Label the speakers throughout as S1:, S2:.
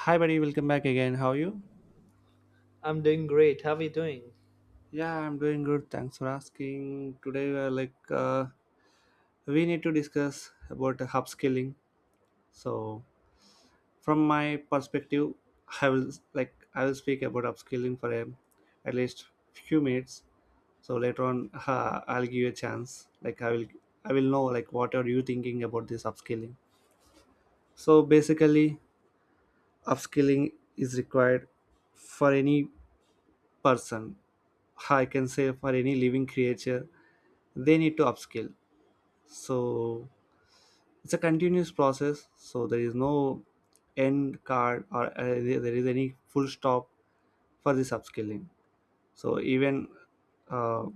S1: Hi, buddy. Welcome back again. How are you?
S2: I'm doing great. How are you doing?
S1: Yeah, I'm doing good. Thanks for asking. Today, we're like, we need to discuss about the upskilling. So, from my perspective, I will speak about upskilling for a, at least few minutes. So later on, I'll give you a chance. I will know like what are you thinking about this upskilling. So basically, upskilling is required for any person. I can say for any living creature, they need to upskill. So it's a continuous process. So there is no end card or there is any full stop for this upskilling. So even uh,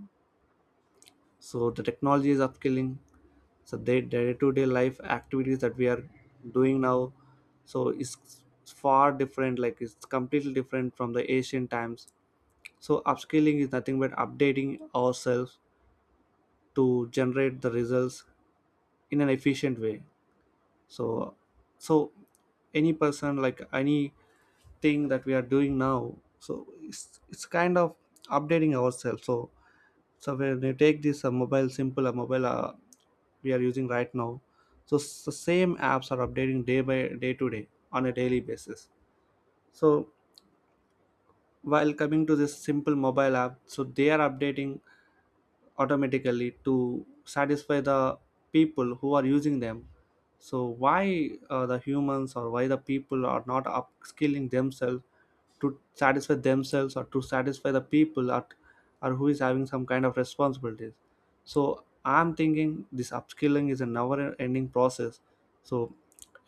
S1: the technology is upskilling. So the day-to-day life activities that we are doing now, so it's far different. Like it's completely different from the ancient times. So upskilling is nothing but updating ourselves to generate the results in an efficient way, so so any person, like anything that we are doing now, so it's kind of updating ourselves. So when you take this mobile, simple mobile, we are using right now, so the same apps are updating day by day, on a daily basis. So while coming to this simple mobile app, so they are updating automatically to satisfy the people who are using them. So why the humans or why the people are not upskilling themselves to satisfy themselves or to satisfy the people at, or who is having some kind of responsibilities. So I'm thinking this upskilling is a never ending process. So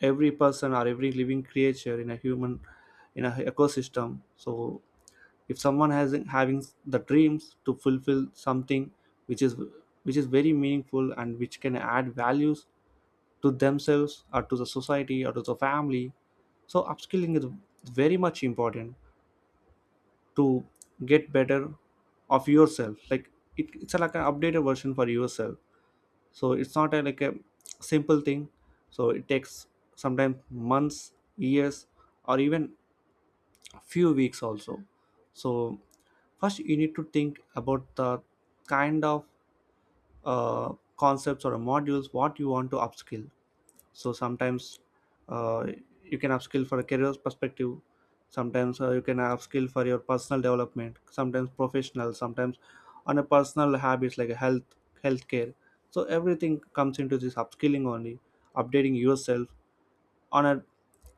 S1: every person or every living creature in a human, in a ecosystem, so if someone has having the dreams to fulfill something which is which is very meaningful and which can add values to themselves or to the society or to the family, so upskilling is very much important to get better of yourself. Like it's like an updated version for yourself. So it's not a, like a simple thing. So it takes sometimes months, years, or even few weeks also. So first you need to think about the kind of concepts or modules what you want to upskill. So sometimes uh, you can upskill for a career perspective, sometimes you can upskill for your personal development, sometimes professional, sometimes on a personal habits like health, healthcare. So everything comes into this upskilling only, updating yourself on a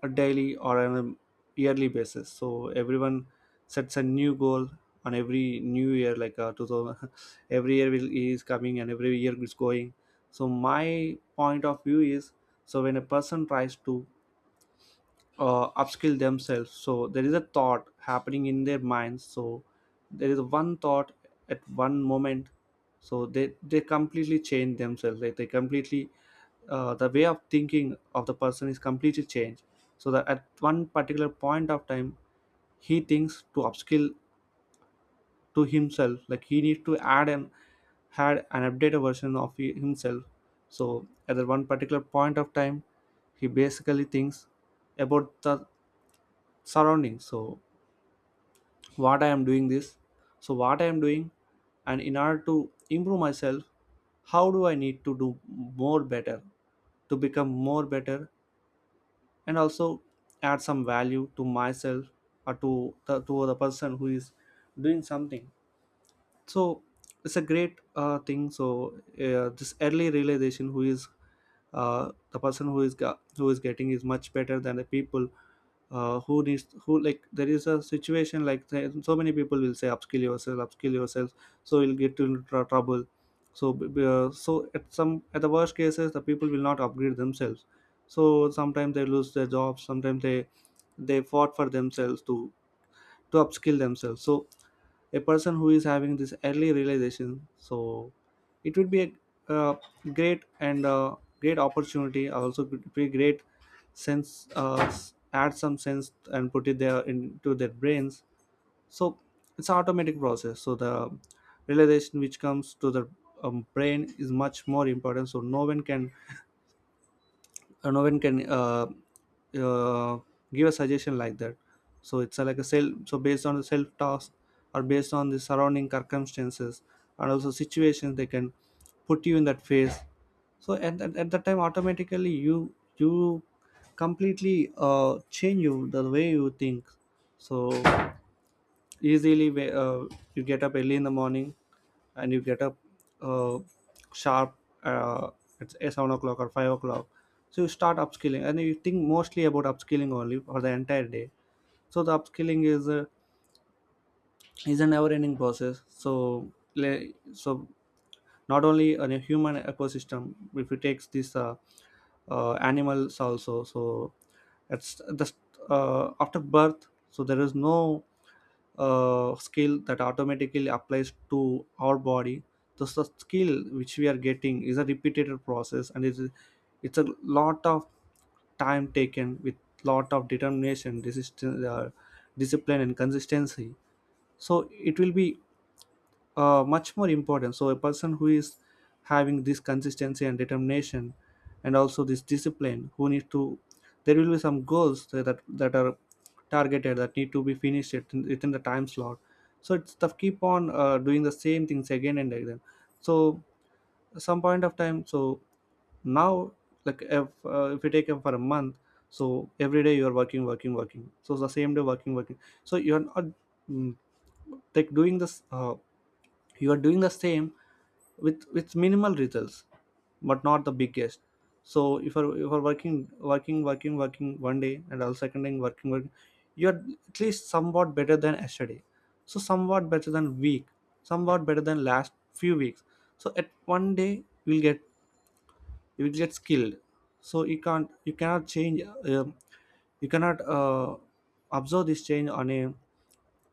S1: a daily or on a yearly basis. So everyone sets a new goal on every new year, like 2000. Every year will, is coming and every year is going. So my point of view is, so when a person tries to upskill themselves, so there is a thought happening in their minds. So there is one thought at one moment. So they completely change themselves. Like they completely, the way of thinking of the person is completely changed. So that at one particular point of time he thinks to upskill to himself, like he needs to add an, had an updated version of himself. So at that one particular point of time, he basically thinks about the surroundings. So what I am doing this, so what I am doing, and in order to improve myself, how do I need to do more better, to become more better, and also add some value to myself or to to the person who is doing something. So it's a great thing. So this early realization, who is the person who is who is getting, is much better than the people who needs who, like there is a situation like so many people will say upskill yourself, upskill yourself, so you'll get into trouble. So so at some, at the worst cases, the people will not upgrade themselves. So sometimes they lose their jobs, sometimes they fought for themselves too, to upskill themselves. So a person who is having this early realization, so it would be a uh, great and great opportunity, also could be great sense, add some sense and put it there into their brains. So it's automatic process. So the realization which comes to the brain is much more important. So no one can, no one can, uh, give a suggestion like that. So it's like a self, so based on the self task or based on the surrounding circumstances and also situations, they can put you in that phase. So at at that time automatically you completely change you the way you think. So easily, uh, you get up early in the morning, and you get up, uh, sharp, uh, it's 7 o'clock or 5 o'clock. So you start upskilling and you think mostly about upskilling only for the entire day. So the upskilling is, is an never ending process. So so not only on a human ecosystem, if you take these animals also, so it's the after birth, so there is no skill that automatically applies to our body. This the skill which we are getting is a repeated process, and it's a lot of time taken with lot of determination, resistance, discipline and consistency. So it will be much more important. So a person who is having this consistency and determination, and also this discipline, who need to, there will be some goals that are targeted, that need to be finished within the time slot. So it's tough. Keep on doing the same things again and again. So some point of time. So now, like if you take it for a month. So every day you are working, working, working. So the same day working, working. So you are not, mm, like doing this. You are doing the same with minimal results but not the biggest. So if if you're working, working, working, working one day, and also second day working, working, you're at least somewhat better than yesterday, so somewhat better than week, somewhat better than last few weeks. So at one day you'll get, you'll get skilled. So you can't, you cannot change, you cannot, observe this change on a,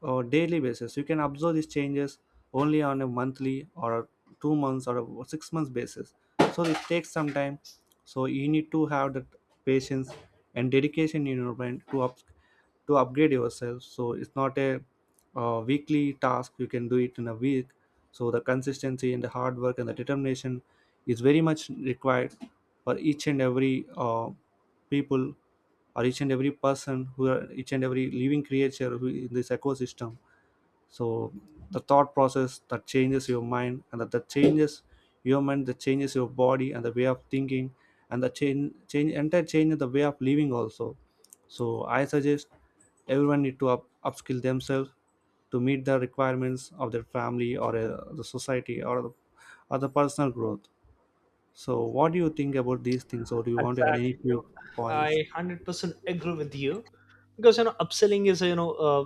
S1: or daily basis. You can observe these changes only on a monthly or 2 months or a 6 months basis. So it takes some time. So you need to have that patience and dedication in your mind to up, to upgrade yourself. So it's not a weekly task. You can do it in a week. So the consistency and the hard work and the determination is very much required for each and every people, or each and every person who are, each and every living creature who in this ecosystem. So the thought process that changes your mind, and that changes your mind, that changes your body and the way of thinking, and the change, entire change in the way of living also. So I suggest everyone need to upskill themselves to meet the requirements of their family or the society or or the personal growth. So what do you think about these things, or do you want to add any
S2: Exactly. You
S1: few
S2: know, I
S1: points?
S2: 100% agree with you because upselling is,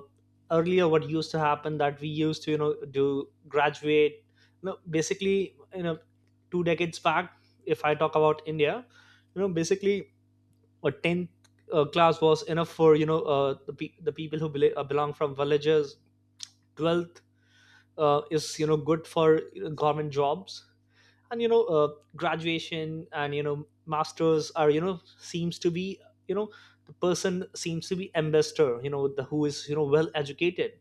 S2: earlier what used to happen, that we used to, do graduate, basically, two decades back, if I talk about India, basically a 10th class was enough for, the people who belong from villages. 12th is, good for, government jobs, and graduation, and masters, are seems to be, you know the person seems to be ambassador, the who is, well educated.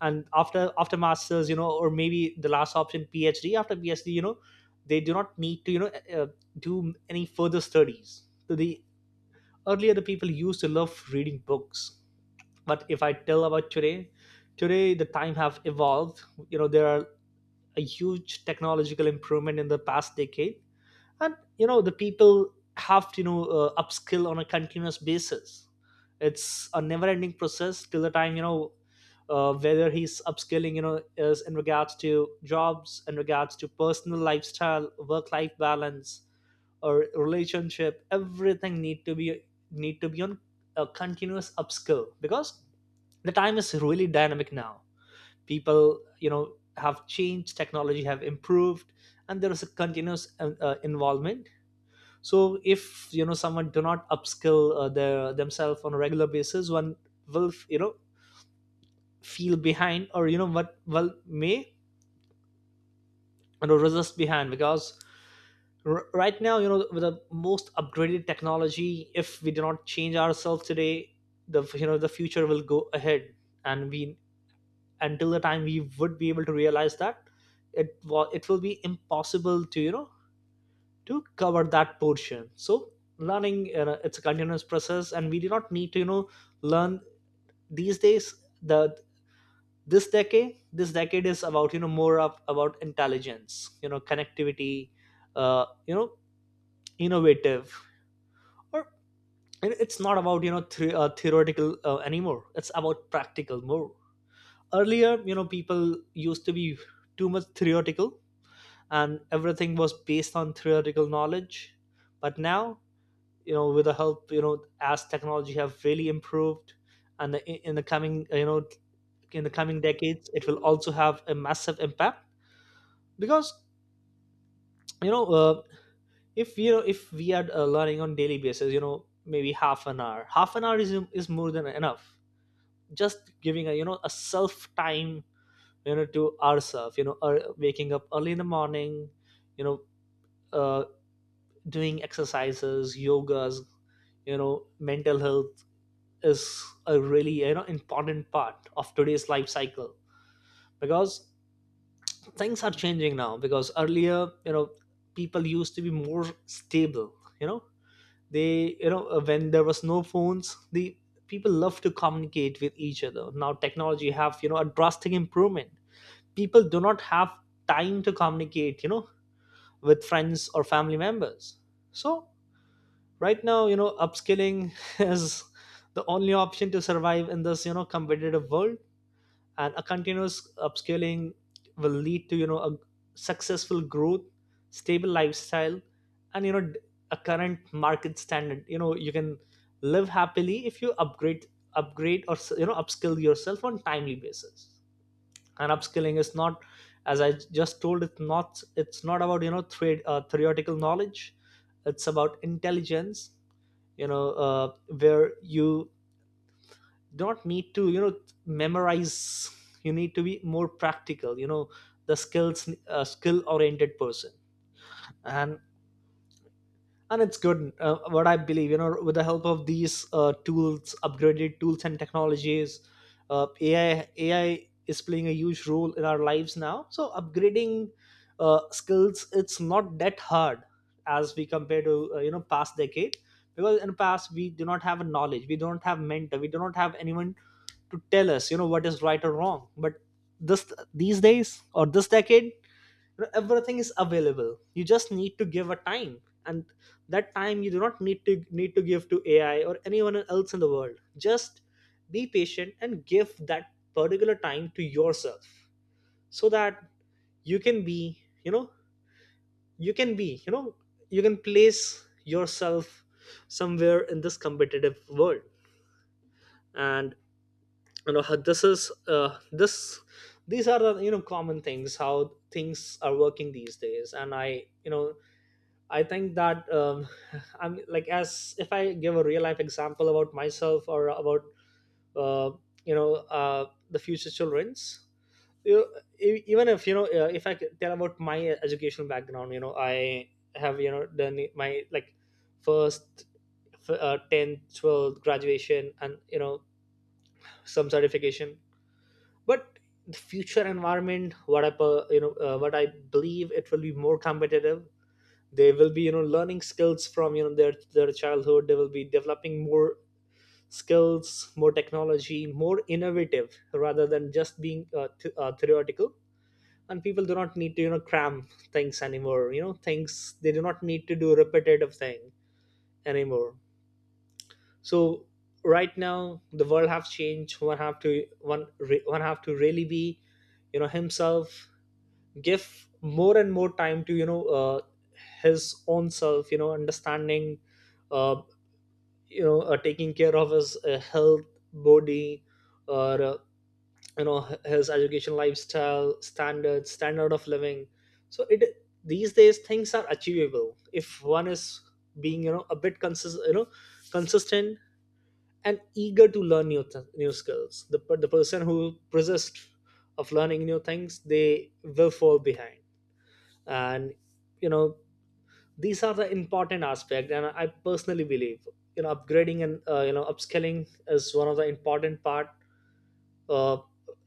S2: And after masters, or maybe the last option, PhD. After PhD, they do not need to, uh, do any further studies. So the earlier, the people used to love reading books. But if I tell about today, the time have evolved. There are a huge technological improvement in the past decade. And, the people have to, upskill on a continuous basis. It's a never ending process till the time, whether he's upskilling, is in regards to jobs, in regards to personal lifestyle, work life balance, or relationship. Everything need to be on a continuous upskill, because the time is really dynamic now. People, have changed, technology have improved, and there is a continuous involvement. So if, someone do not upskill their themselves on a regular basis, one will, feel behind, or what, well may, resist behind, because right now, with the most upgraded technology, if we do not change ourselves today, the the future will go ahead. And we, until the time we would be able to realize that, it was, it will be impossible to, to cover that portion. So learning, you, it's a continuous process, and we do not need to, learn these days. The, this decade is about, more of about intelligence, connectivity, uh, you know innovative, or, and it's not about, theoretical anymore. It's about practical more. Earlier, people used to be too much theoretical, and everything was based on theoretical knowledge. But now, with the help, as technology have really improved. And the, in the coming decades, it will also have a massive impact. Because, you know uh, if, if we are learning on daily basis, maybe half an hour is more than enough. Just giving a, a self time, to ourselves, waking up early in the morning, you know uh, doing exercises, yogas, mental health is a really, important part of today's life cycle. Because things are changing now, because earlier, people used to be more stable, you know they, when there was no phones, the people love to communicate with each other. Now technology have, a drastic improvement. People do not have time to communicate, with friends or family members. So right now, upskilling is the only option to survive in this, competitive world. And a continuous upscaling will lead to, a successful growth, stable lifestyle, and, a current market standard. You can live happily if you upgrade, or, upskill yourself on timely basis. And upskilling is not, as I just told, it's not about, trade theoretical knowledge. It's about intelligence, where you don't need to, memorize. You need to be more practical, the skills, skill oriented person. And it's good. What I believe, with the help of these tools, upgraded tools and technologies, AI is playing a huge role in our lives now. So upgrading skills, it's not that hard as we compare to, past decade. Because in the past we do not have a knowledge, we don't have mentor, we do not have anyone to tell us, what is right or wrong. But this, these days or this decade, everything is available. You just need to give a time. And that time you do not need to, give to AI or anyone else in the world. Just be patient and give that particular time to yourself, so that you can be, you know you can be you know you can place yourself somewhere in this competitive world. And, how this is, this these are the, common things how things are working these days. And I, I think that, I'm like, as if I give a real life example about myself, or about, uh, you know the future children's. You, even if, if I could tell about my educational background, I have, done my, like, first, 10th, 12th graduation, and some certification. But the future environment, what I, what I believe, it will be more competitive. They will be, learning skills from, their childhood. They will be developing more skills, more technology, more innovative, rather than just being, theoretical. And people do not need to, cram things anymore. Things, they do not need to do repetitive thing anymore. So right now the world have changed. One have to, one one have to really be, himself, give more and more time to, his own self, understanding, uh, taking care of his health, body, or, his education, lifestyle, standards, standard of living. So it, these days things are achievable if one is being, a bit consist, consistent, and eager to learn new skills. The, the person who persists of learning new things, they will fall behind. And, you know these are the important aspect. And I personally believe, upgrading, and, upscaling is one of the important part. uh,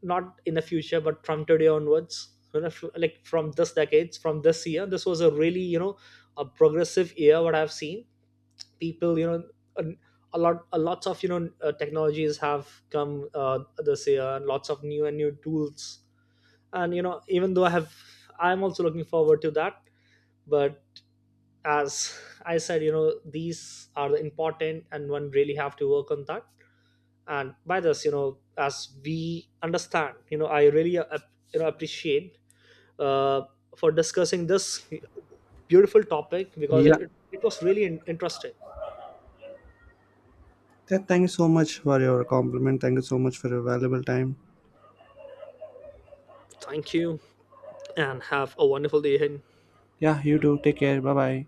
S2: not in the future, but from today onwards, like from this decades, from this year. This was a really, a progressive year what I've seen. People, a, a lot a lots of, technologies have come this year, and lots of new and new tools. And, even though I have, I'm also looking forward to that. But as I said, these are the important, and one really have to work on that. And by this, as we understand, I really, appreciate, uh, for discussing this beautiful topic, because
S1: Yeah.
S2: it was really interesting.
S1: Thank you so much for your compliment, thank you so much for your valuable time.
S2: Thank you and have a wonderful day ahead.
S1: Yeah, you do. Take care. Bye bye.